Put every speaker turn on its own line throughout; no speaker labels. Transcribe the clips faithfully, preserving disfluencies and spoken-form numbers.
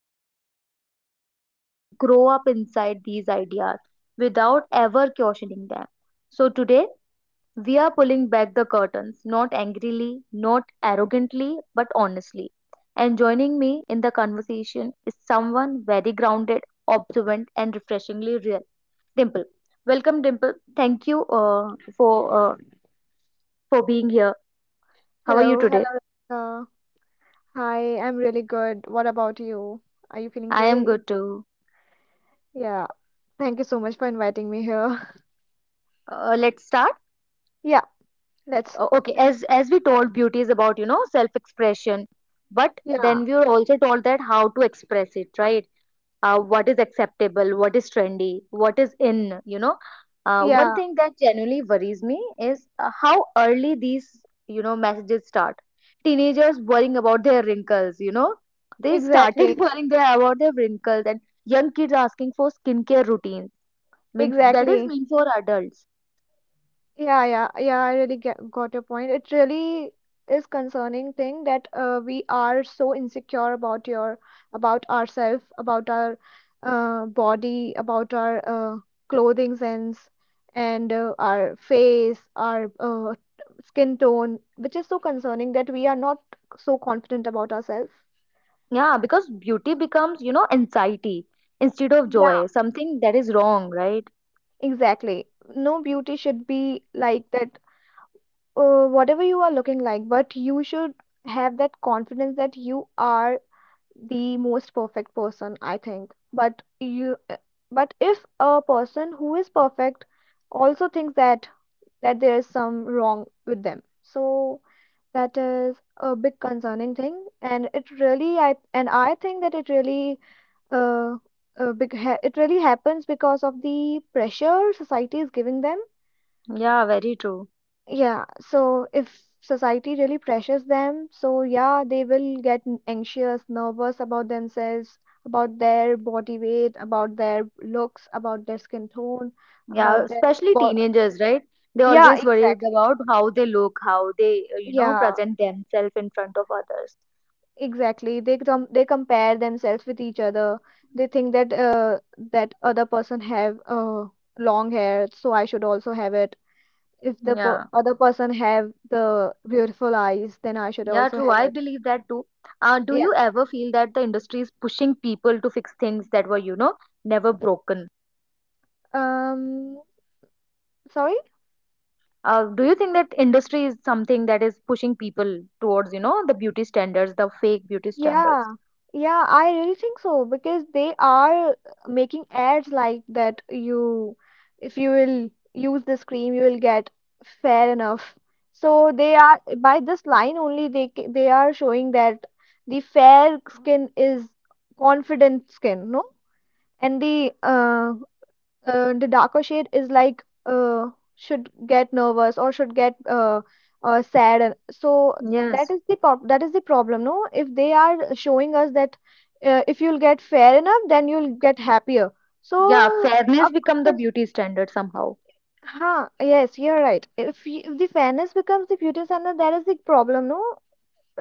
what is the scary part, most of us grow up inside these ideas without ever cautioning them. So today we are pulling back the curtains, not angrily, not arrogantly, but honestly. And joining me in the conversation is someone very grounded, observant, and refreshingly real. Dimple. Welcome, Dimple. Thank you uh, for uh, for being here. How are you
Hello,
today?
hello. Rebecca. Hi, I'm really good. What about you? Are you feeling
I am
great?
good too.
Yeah. Thank you so much for inviting me here.
Uh, let's start.
Yeah, let's.
Uh, okay, as as we told, beauty is about, you know, self expression, but
Yeah,
then we were also told that how to express it, right? Uh, what is acceptable, what is trendy, what is in, you know. Uh, one
yeah,
thing that genuinely worries me is uh, how early these, you know, messages start. Teenagers worrying about their wrinkles, you know. They started
exactly,
worrying their, about their wrinkles, and young kids asking for skincare routines. Mean that is
exactly.
meant for adults.
Yeah, yeah, yeah, I really get, got your point. It really is concerning thing that uh, we are so insecure about your about ourselves, about our uh, body, about our uh, clothing sense, and uh, our face, our uh, skin tone, which is so concerning that we are not so confident about ourselves.
Yeah, because beauty becomes, you know, anxiety instead of
Yeah,
joy. Something that is wrong, right?
exactly. No beauty should be like that, uh, whatever you are looking like, but you should have that confidence that you are the most perfect person, I think. But you, uh, but if a person who is perfect also thinks that that there is some wrong with them, so that is a big concerning thing, and it really, I and I think that it really, uh, uh, big ha it really happens because of the pressure society is giving them.
Yeah, very true.
Yeah, so if society really pressures them, so yeah, they will get n- anxious, nervous about themselves, about their body weight, about their looks, about their skin tone,
Yeah,
about their
especially
bo
teenagers, right? They
yeah,
always worry
exactly.
about how they look, how they, uh, you know,
Yeah,
present themselves in front of others.
exactly. They com they compare themselves with each other. They think that uh that other person have uh long hair, so I should also have it. If the per
Yeah,
other person have the beautiful eyes, then I should
yeah,
also
true.
have
I
it.
believe that too. Uh, do
Yeah.
you ever feel that the industry is pushing people to fix things that were, you know, never broken?
Um, sorry?
Uh, do you think that industry is something that is pushing people towards, you know, the beauty standards, the fake beauty standards?
Yeah. Yeah, I really think so because they are making ads like that you if you will use this cream you will get fair enough. So they are by this line only they ca- they are showing that the fair skin is confident skin, no? And the uh uh, the darker shade is like uh, should get nervous or should get uh, uh, sad and- so that
Yes.
is the prob- that is the problem, no, if they are showing us that uh, if you'll get fair enough then you'll get happier,
Yeah,
so
fairness
of
become the
course.
beauty standard somehow.
Huh, yes, you're right. If, y- if the fairness becomes the beauty standard that is the problem, no,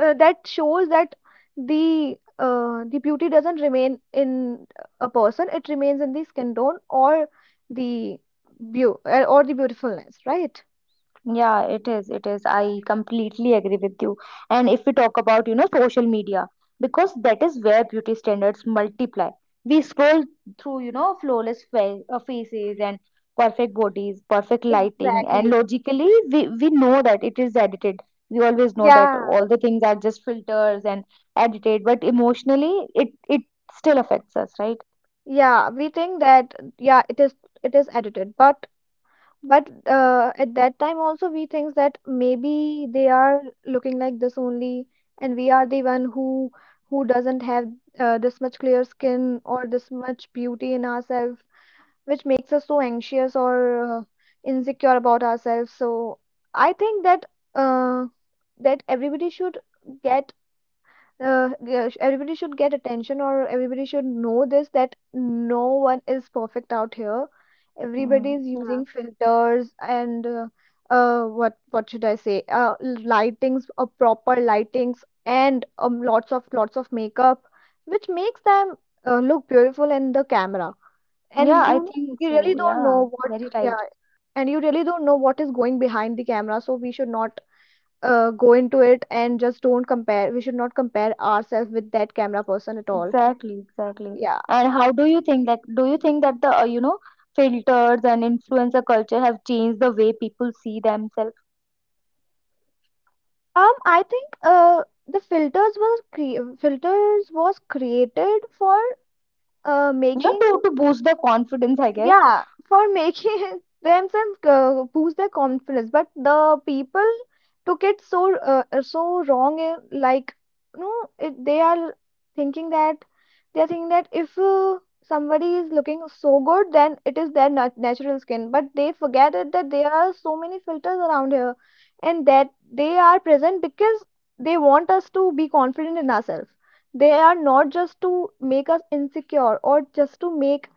uh, that shows that the uh, the beauty doesn't remain in a person, it remains in the skin tone or the beau uh, or the beautifulness, right?
Yeah, it is. It is. I completely agree with you. And if we talk about, you know, social media, because that is where beauty standards multiply. We scroll through, you know, flawless fa uh, faces and perfect bodies, perfect lighting, and
Exactly.
logically, we, we know that it is edited. We always know that
Yeah,
all the things are just filters and edited, but emotionally, it it still affects us, right?
yeah, we think that yeah it is it is edited, but but uh, at that time also we think that maybe they are looking like this only and we are the one who who doesn't have uh, this much clear skin or this much beauty in ourselves, which makes us so anxious or uh, insecure about ourselves. So I think that uh, that everybody should get uh, g- everybody should get attention or everybody should know this that no one is perfect out here. Everybody
Mm,
is
yeah,
using filters and uh, uh, what what should I say? Uh, lightings, uh, proper lightings, and um, lots of lots of makeup, which makes them uh, look beautiful in the camera and
yeah, I
you know
think
you really
so.
don't
Yeah,
know what.
very right.
Yeah, and you really don't know what is going behind the camera, so we should not uh, go into it and just don't compare. We should not compare ourselves with that camera person at all.
Exactly, exactly.
Yeah.
And how do you think that? Do you think that the uh, you know filters and influencer culture have changed the way people see themselves?
um I think uh the filters was cre- filters was created for uh
Yeah,
making,
to to boost their confidence, I guess.
yeah, for making themselves uh, boost their confidence, but the people took it so uh, uh, so wrong, uh, like, no, it, they are thinking that they are thinking that if uh, somebody is looking so good then it is their nat- natural skin, but they forget it that there are so many filters around here, and that they are present because they want us to be confident in ourselves. They are not just to make us insecure or just to make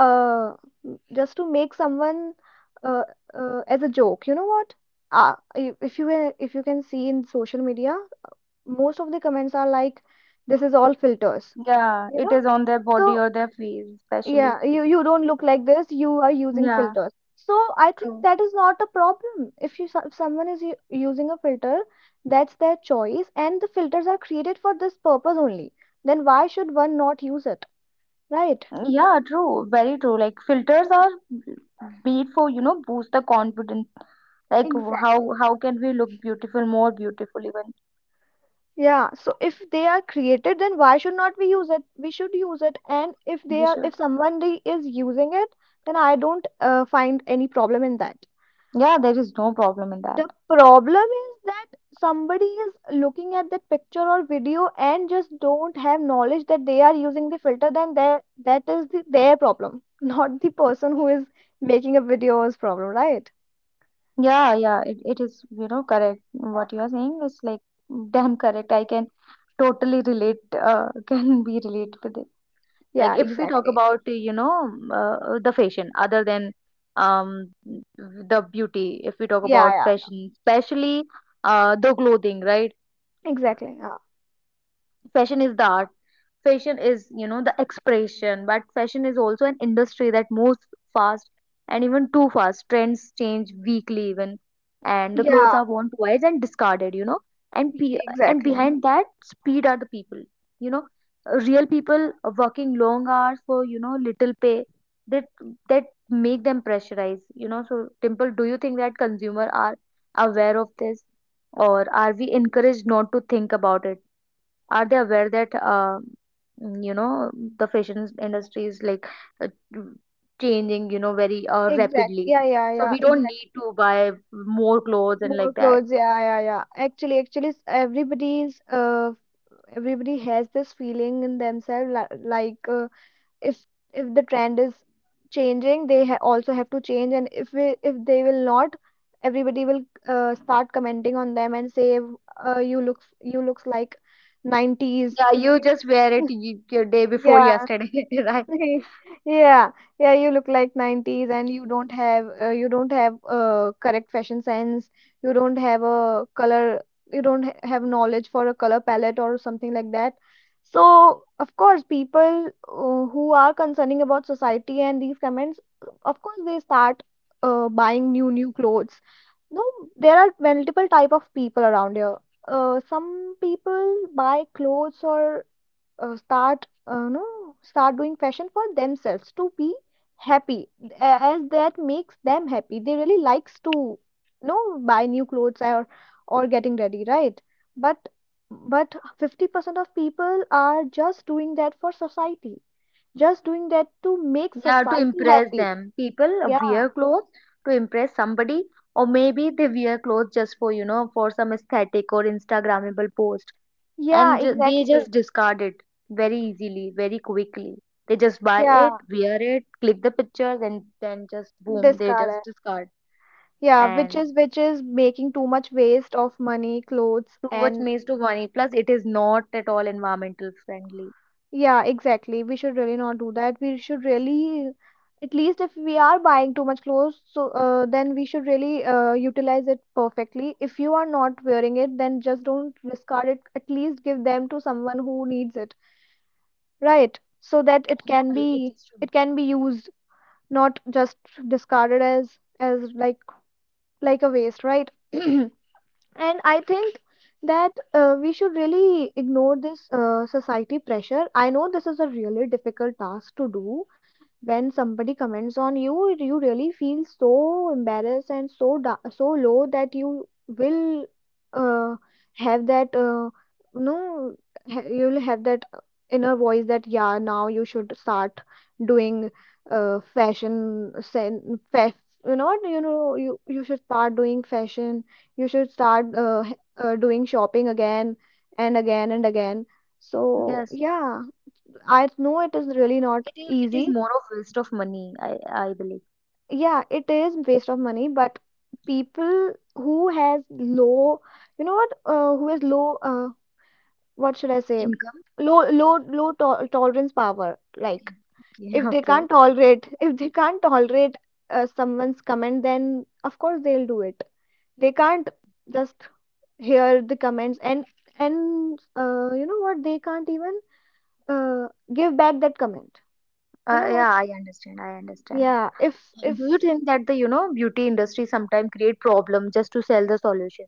uh m- just to make someone uh, uh, as a joke, you know what, uh, i- if you can- if you can see in social media most of the comments are like, "This is all filters,
Yeah,
you
it
know."
is on their
So
body or their face, especially.
yeah, you you don't look like this, you are using
Yeah,
filters. So I think
true.
that is not a problem. If you so- If someone is u- using a filter that's their choice, and the filters are created for this purpose only, then why should one not use it, right?
Yeah, true. Very true. Like filters are made for, you know, boost the confidence. Like w-
Exactly.
how how can we look beautiful, more beautiful even?
Yeah, so if they are created, then why should not we use it? We should use it, and if they
We
are, if
should.
somebody is using it, then I don't uh, find any problem in that.
Yeah, there is no problem in that.
The problem is that somebody is looking at that picture or video and just don't have knowledge that they are using the filter, then that that is the, their problem, not the person who is making a video's problem, right?
Yeah, yeah, it, it is, you know, correct. What you are saying is like damn correct. I can totally relate, uh, can be relate with it. Like
Yeah,
if we talk
exactly.
about, you know, uh, the fashion, other than um the beauty, if we talk
Yeah,
about
yeah,
fashion, especially uh the clothing, right?
exactly. Yeah,
Fashion is the art, fashion is, you know, the expression, but fashion is also an industry that moves fast, and even too fast trends change weekly even, and the
yeah,
clothes are worn twice and discarded, you know. And pe- and
exactly.
behind that speed are the people, you know, real people, working long hours for, you know, little pay, that that make them pressurize, you know. So Dimple, do you think that consumer are aware of this, or are we encouraged not to think about it? Are they aware that, um, you know, the fashion industry is like, uh, mm, changing, you know, very uh,
Exactly.
rapidly,
Yeah, yeah,
so
yeah.
we don't need to buy more clothes and
More
like that?
clothes, yeah, yeah, yeah. Actually, actually, s- everybody's uh, everybody has this feeling in themselves, li- like, uh, if if the trend is changing, they ha also have to change, and if we, if they will not, everybody will uh, start commenting on them and say, uh, "You look, you looks like nineties."
Yeah, you
You,
just wear it y- your day before
yeah.
yesterday, right?
Okay. Yeah, yeah, you look like nineties and you don't have uh, you don't have uh, correct fashion sense. You don't have a color, you don't ha have knowledge for a color palette or something like that. So, of course, people uh, who are concerning about society and these comments, of course, they start uh, buying new new clothes. No, there are multiple type of people around here. Uh, some people buy clothes or uh, start uh, no start doing fashion for themselves to be happy, a- as that makes them happy. They really likes to, you know, buy new clothes or or getting ready, right? But but fifty percent of people are just doing that for society, just doing that to make
Yeah, to
society
impress
happy.
them people
Yeah.
wear clothes, to impress somebody, or maybe they wear clothes just for, you know, for some aesthetic or instagrammable post,
Yeah,
and ju- they
exactly.
just discard it very easily, very quickly. They just buy
Yeah,
it, wear it, click the pictures, and then just boom, they
discard
just
it.
discard.
Yeah, which
And
is which is making too much waste of money, clothes,
too much
and
makes too money. Plus, it is not at all environmental friendly.
yeah, exactly. We should really not do that. We should really, at least if we are buying too much clothes, so uh, then we should really uh, utilize it perfectly. If you are not wearing it, then just don't discard it. At least give them to someone who needs it, right? So that it
Yeah,
can
it it
be
is true.
it can be used, not just discarded as as like like a waste, right? And I think that uh, we should really ignore this uh, society pressure. I know this is a really difficult task to do. When somebody comments on you, you really feel so embarrassed and so da- so low that you will uh, have that uh, no, you'll have that uh, inner voice that, yeah, now you should start doing uh, fashion sen fa- you know what, you know you you should start doing fashion. You should start uh, h- uh, doing shopping again and again and again. So,
Yes,
yeah, I know it is really not
it is. It is
easy.
more of waste of money. I I believe.
Yeah, it is waste of money, but people who has low, you know what, uh, who has low, uh, what should I say?
Income.
Low, low, low to tolerance power. Like,
Okay. Okay.
if they
Okay.
can't tolerate, if they can't tolerate uh, someone's comment, then of course they'll do it. They can't just hear the comments and and uh, you know what they can't even uh, give back that comment, you know
Uh, yeah,
what.
I understand. I understand.
Yeah, if
Uh, Do you
if
think that the, you know, beauty industry sometimes create problem just to sell the solution?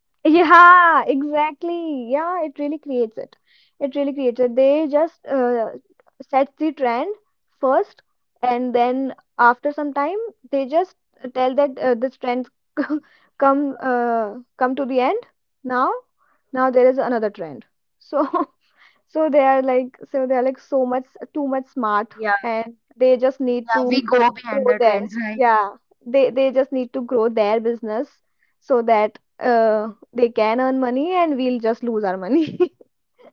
yeah exactly, yeah, it really creates it it really creates it They just uh, set the trend first, and then after some time they just tell that, uh, "This trend come uh, come to the end. Now now there is another trend." So so they are like, so they are like so much, too much smart,
Yeah,
and they just need
yeah, we
to
go behind
grow
the
their,
trends, right?
yeah, they they just need to grow their business so that uh they can earn money and we'll just lose our money.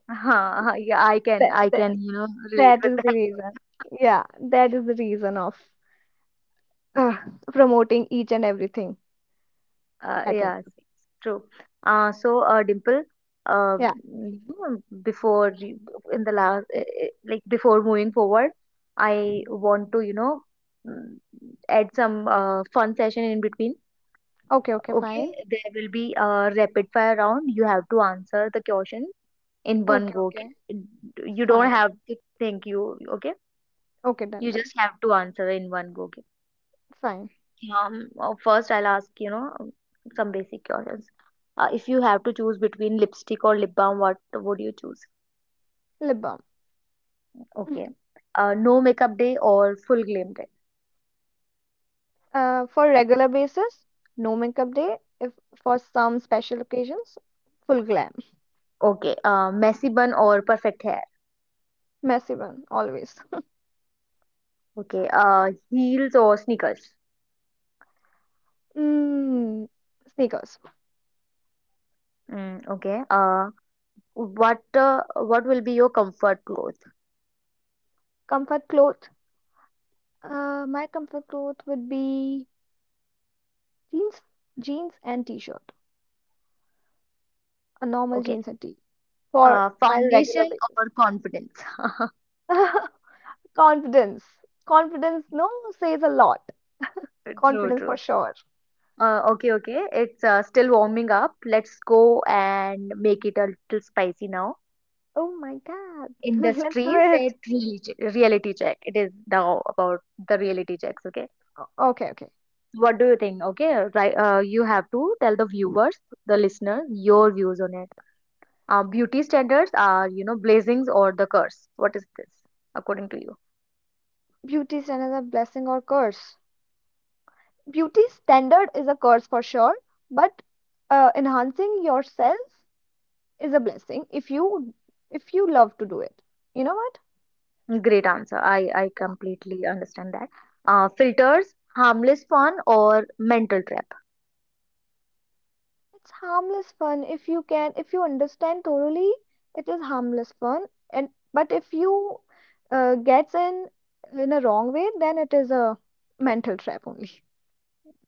Huh, yeah, I can,
That
I
that
can, you know, relate
that
with
is the
that.
reason. Yeah, that is the reason of uh, promoting each and everything,
Uh,
I think.
yeah, it's it's true. Uh, so, uh, Dimple, uh,
Yeah.
you know, before you- in the last, eh, eh, like before moving forward, I want to, you know, mm, add some uh, fun session in between.
Okay, okay, fine.
Okay, there will be a rapid fire round. You have to answer the question in one
Okay,
go. Okay,
okay,
you don't
fine.
have to think. You okay?
Okay, done,
You
done.
just have to answer in one go. Okay.
Fine.
Um, uh, first, I'll ask, you know, um, some basic questions. Uh, if you have to choose between lipstick or lip balm, what would you choose?
Lip balm.
Okay. Uh, no makeup day or full glam day?
Uh, for regular basis, no makeup day. If for some special occasions, full glam.
Okay. Uh, messy bun or perfect hair?
Messy one, always.
Okay. Uh, heels or sneakers?
Mm, sneakers.
Mm, okay. Uh, what uh, what will be your comfort clothes?
Comfort cloth. Uh, my comfort cloth would be jeans, jeans and t-shirt. A normal
Okay.
jeans and t for
Uh,
my regular
foundation
basis.
or confidence?
Confidence. Confidence, no, says a lot.
True,
Confidence for
true.
sure.
Uh, okay, okay. It's uh, still warming up. Let's go and make it a little spicy now.
Oh my God. Let's do
Industries
it.
that really che- reality check. It is now about the reality checks. Okay.
Okay, okay.
What do you think? Okay, right. Uh, you have to tell the viewers, the listeners, your views on it. Uh, beauty standards are, you know, blessings or the curse. What is this, according to you?
Beauty is another blessing or curse. Beauty standard is a curse for sure, but uh, enhancing yourself is a blessing if you if you love to do it, you know what.
Great answer. I I
Yeah.
completely understand that. Uh, filters, harmless fun or mental trap.
It's harmless fun if you can, if you understand thoroughly it is harmless fun. And but if you uh, gets in in a wrong way, then it is a mental trap only.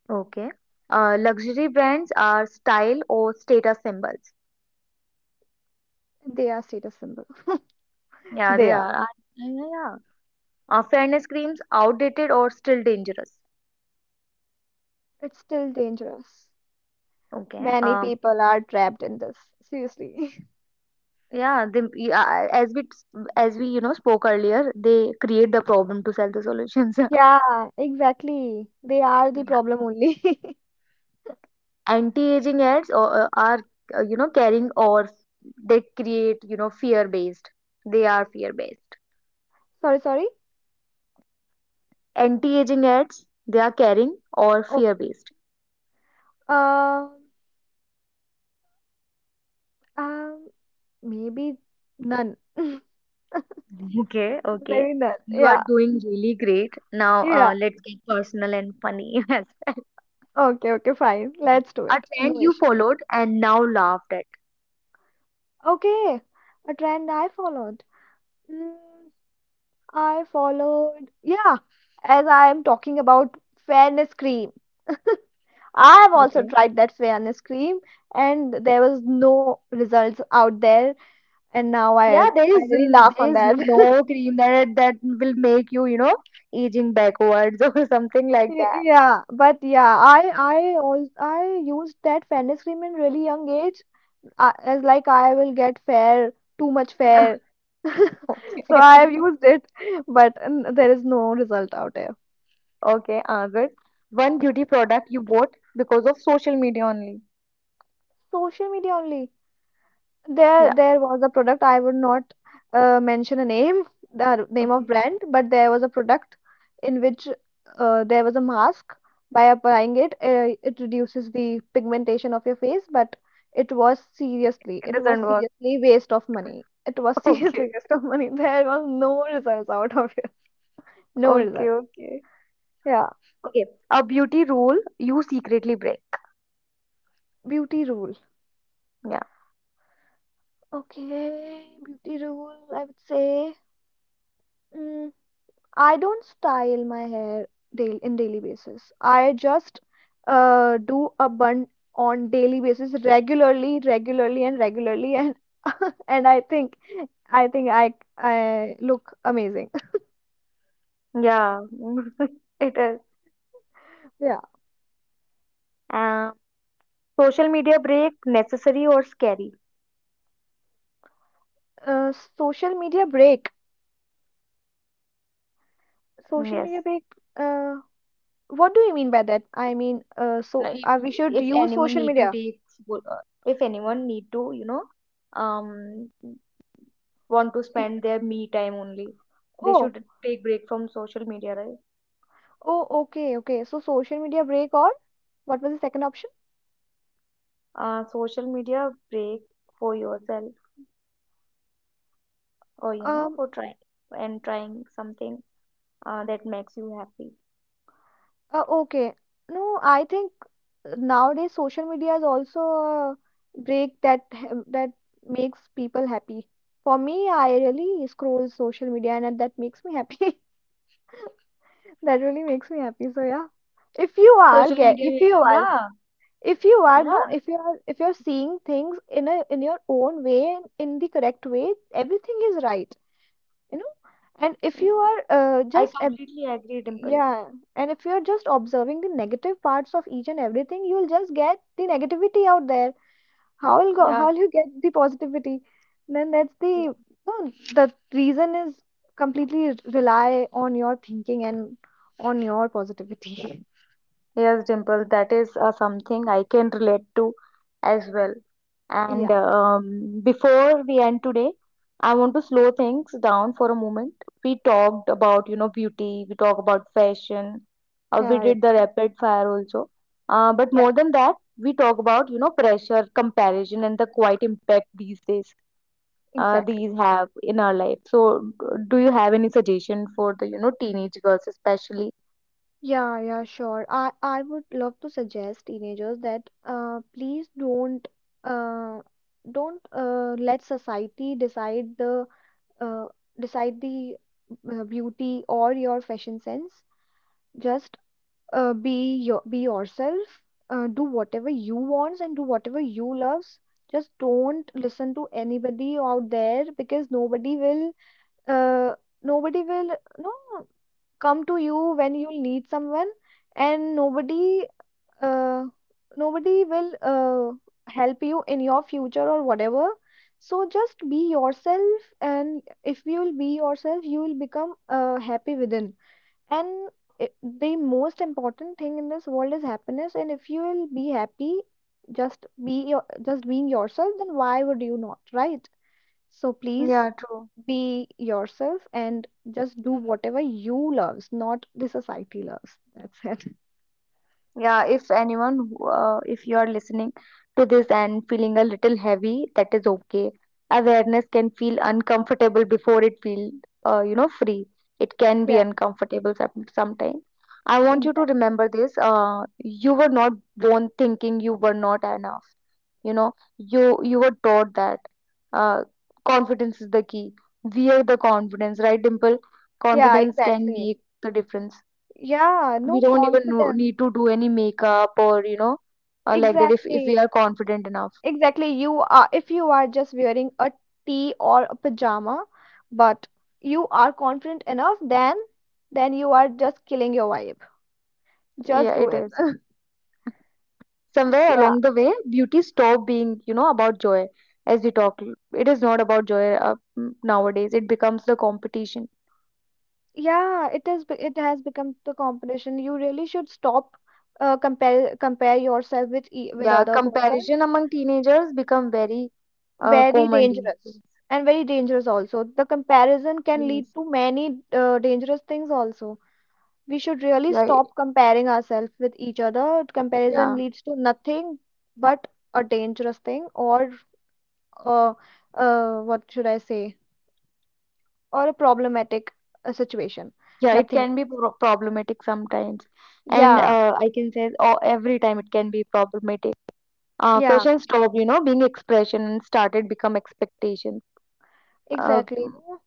Okay. Uh, luxury brands are style or status symbols.
They are status symbol.
Yeah,
They
they
are.
are. Uh, Yeah, yeah. Uh, fairness creams outdated or still dangerous.
It's still dangerous.
Okay.
Many
Um,
people are trapped in this, seriously.
yeah, they, yeah, uh, as we as we, you know, spoke earlier, they create the problem to sell the solutions.
Yeah, exactly. They are
Yeah.
the problem only.
Anti-aging ads or, uh, are uh, you know, caring, or they create, you know, fear-based. They are fear-based.
Sorry, sorry.
Anti-aging ads, they are caring or
Okay.
fear-based.
Um, um, maybe none.
Okay, okay.
Maybe none.
You are
Yeah,
doing really great. Now,
yeah.
uh, let's get personal and funny as well.
Okay, okay, fine.
Okay.
Let's do
A
it.
trend
No
you
issue.
followed and now laughed at.
Okay, a trend I followed. Mm, I followed, yeah, as I am talking about fairness cream. I have also
Okay.
tried that fairness cream, and there was no results out there, and now I
Yeah, there
I
is
really
n-
laugh
there
on
is
that.
no cream that that will make you, you know, aging backwards or something like
Y-
that.
Yeah, but yeah, I I also I used that fairness cream in really young age, uh, as like I will get fair, too much
Yeah.
fair,
Okay.
so I have used it, but um, there is no result out there.
Okay, uh, good. One beauty product you bought because of social media only.
Social media only. There,
Yeah,
there was a product. I would not uh, mention a name, the name of
okay.
brand, but there was a product in which uh, there was a mask. By applying it, uh, it reduces the pigmentation of your face, but it was seriously,
It
it
doesn't
was
work.
seriously waste of money. It was
Okay,
seriously waste of money. There was no results out of it. No
okay,
result.
okay.
Yeah,
Okay. A beauty rule you secretly break.
beauty rule.
Yeah.
Okay, beauty rule, I would say. mm, I don't style my hair daily, in daily basis. I just uh, do a bun on daily basis regularly, regularly and regularly and and I think I think I I look amazing.
Yeah, it is.
Yeah.
Um, Social media break, necessary or scary?
Uh, social media break. Social media
Yes.
break. Uh, what do you mean by that? I mean, uh,
No,
so
If,
uh, we should
if
use
anyone
social
need to
media.
take, wo- uh, if anyone need to, you know, um, want to
Y-
spend their me time only, they
Oh,
should take break from social media, right?
oh, okay, okay. So social media break or what was the second option?
Uh, social media break for yourself or, you know,
Um,
for trying and trying something uh, that makes you happy.
Uh, okay. No, I think nowadays social media is also a break that ha- that makes people happy. For me, I really scroll social media and that makes me happy. That really makes me happy. So yeah. If you are
Social
get
media,
if you are,
yeah,
if you are no
yeah.
if you are, if you're seeing things in a in your own way, in the correct way, everything is right, you know. And if you are uh,
I
just
completely agree, Dimple.
yeah, and if you're just observing the negative parts of each and everything, you'll just get the negativity out there. How will go, how
Yeah.
will you get the positivity? Then that's the no, the reason is completely r- rely on your thinking and on your positivity.
Yes, Dimple, that is uh, something I can relate to as well. And
Yeah,
um, before we end today, I want to slow things down for a moment. We talked about, you know, beauty, we talked about fashion, uh, we
yeah,
did
yeah,
the rapid fire also. Uh, but
yeah,
more than that, we talk about, you know, pressure, comparison, and the quiet impact these days uh,
exactly.
these have in our life. So, d- do you have any suggestion for the, you know, teenage girls especially?
Yeah, yeah, sure. I I would love to suggest teenagers that, uh, please don't, uh, don't, uh, let society decide the, uh, decide the, uh, beauty or your fashion sense. Just, uh, be your be yourself. Uh, do whatever you want and do whatever you loves. Just don't listen to anybody out there because nobody will, uh, nobody will no come to you when you need someone, and nobody, uh, nobody will, uh, help you in your future or whatever. So just be yourself, and if you will be yourself you will become, uh, happy within. And I The most important thing in this world is happiness, and if you will be happy, just be your just being yourself, then why would you not, right? So please
Yeah, true.
be yourself and just do whatever you loves, not the society loves. That's it.
Yeah, if anyone, who, uh, if you are listening to this and feeling a little heavy, that is okay. Awareness can feel uncomfortable before it feel, uh, you know, free. It can be
Yeah,
uncomfortable some, sometimes. I want you to
exactly.
remember this. Uh, you were not born thinking you were not enough. You know, you you were taught that. Uh, Confidence is the key. Wear the confidence, right, Dimple?
Yeah,
Confidence can
exactly.
make the difference.
Yeah,
We
no
don't even know,
confidence.
need to do any makeup or, you know, uh, like that, if, if
Exactly.
we are confident enough.
Exactly. You are, if you are just wearing a tee or a pajama, but you are confident enough, then then you are just killing your vibe. Just
Yeah,
do
it
it.
is. Somewhere
Yeah.
along the way beauty stopped being, you know, about joy. As we talk, it is not about joy. Uh, mm, nowadays it becomes the competition.
Yeah, it is, be- it has become the competition. You really should stop, uh, compare compare yourself with e with
Yeah,
other person.
comparison among teenagers become very uh,
Very
common these
dangerous,
days.
and very dangerous also. The comparison can lead
Yes.
to many, uh, dangerous things also. We should really
yeah it-
stop comparing ourselves with each other. Comparison
yeah.
leads to nothing but a dangerous thing, or, uh, uh, what should I say? Or a problematic, uh, situation.
Yeah, it
Nothing
can
else.
be pro- problematic sometimes. And
Yeah,
uh, I can say, oh, every time it can be problematic. Uh,
yeah,
fashion stopped, you know, being expression and started become expectation. Uh,
exactly.
mm,
No,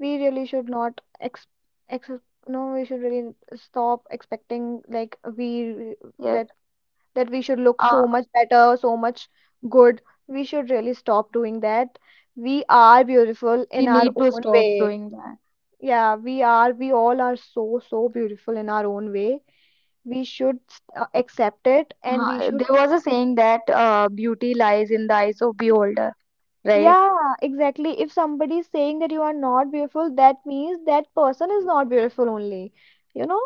we really should not ex ex no, we should really stop expecting like we,
yes,
that that we should look
uh,
so much better, so much good. We should really stop doing that. We are beautiful
we
in our
need to
own
stop
way.
doing that.
Yeah, we are, we all are so, so beautiful in our own way. We should, uh, accept it, and we
Uh,
should.
there was a saying that, uh, beauty lies in the eyes of beholder, right?
Yeah, exactly. If somebody is saying that you are not beautiful, that means that person is not beautiful only. You know?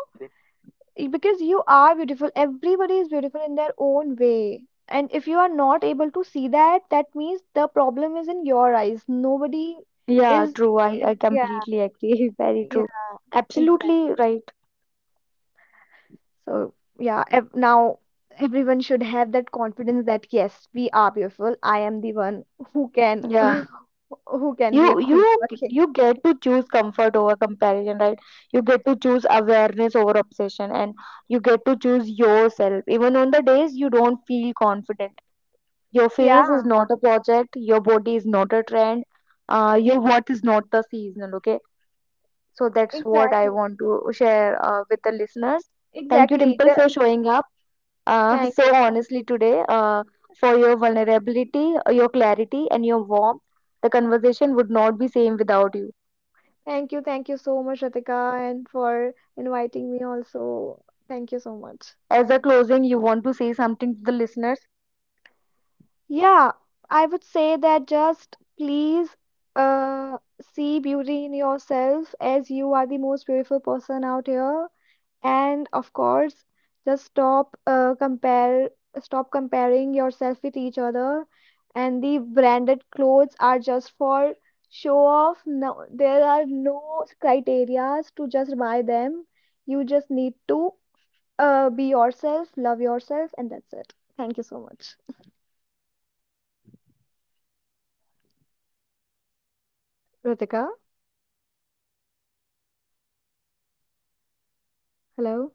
Y- because you are beautiful, everybody is beautiful in their own way, and if you are not able to see that, that means the problem is in your eyes. Nobody
Yeah,
is.
true. I, I
Yeah,
completely agree. Very true.
yeah, exactly.
Absolutely right.
So yeah, ev- now everyone should have that confidence that yes, we are beautiful. I am the one who can
Yeah.
who can be a
You
queen,
you
okay?
you get to choose comfort over comparison, right? You get to choose awareness over obsession, and you get to choose yourself. Even on the days you don't feel confident. Your face is
Yeah,
not a project, your body is not a trend, uh, your worth is not the seasonal. Okay? So that's what I
exactly,
want to share uh, with the listeners. Thank you,
exactly.
Dimple,
The,
for showing up uh,
thank you.
so honestly today, uh, for your vulnerability, uh, your clarity, and your warmth. The conversation would not be same without you.
Thank you, thank you so much, Ritika, and for inviting me also. Thank you so much.
As a closing, you want to say something to the listeners?
Yeah, I would say that just please, uh, see beauty in yourself, as you are the most beautiful person out here. And of course, just stop, uh, compare stop comparing yourself with each other. And the branded clothes are just for show off. No, there are no criterias to just buy them. You just need to, uh, be yourself, love yourself, and that's it. Thank you so much. Ritika, hello.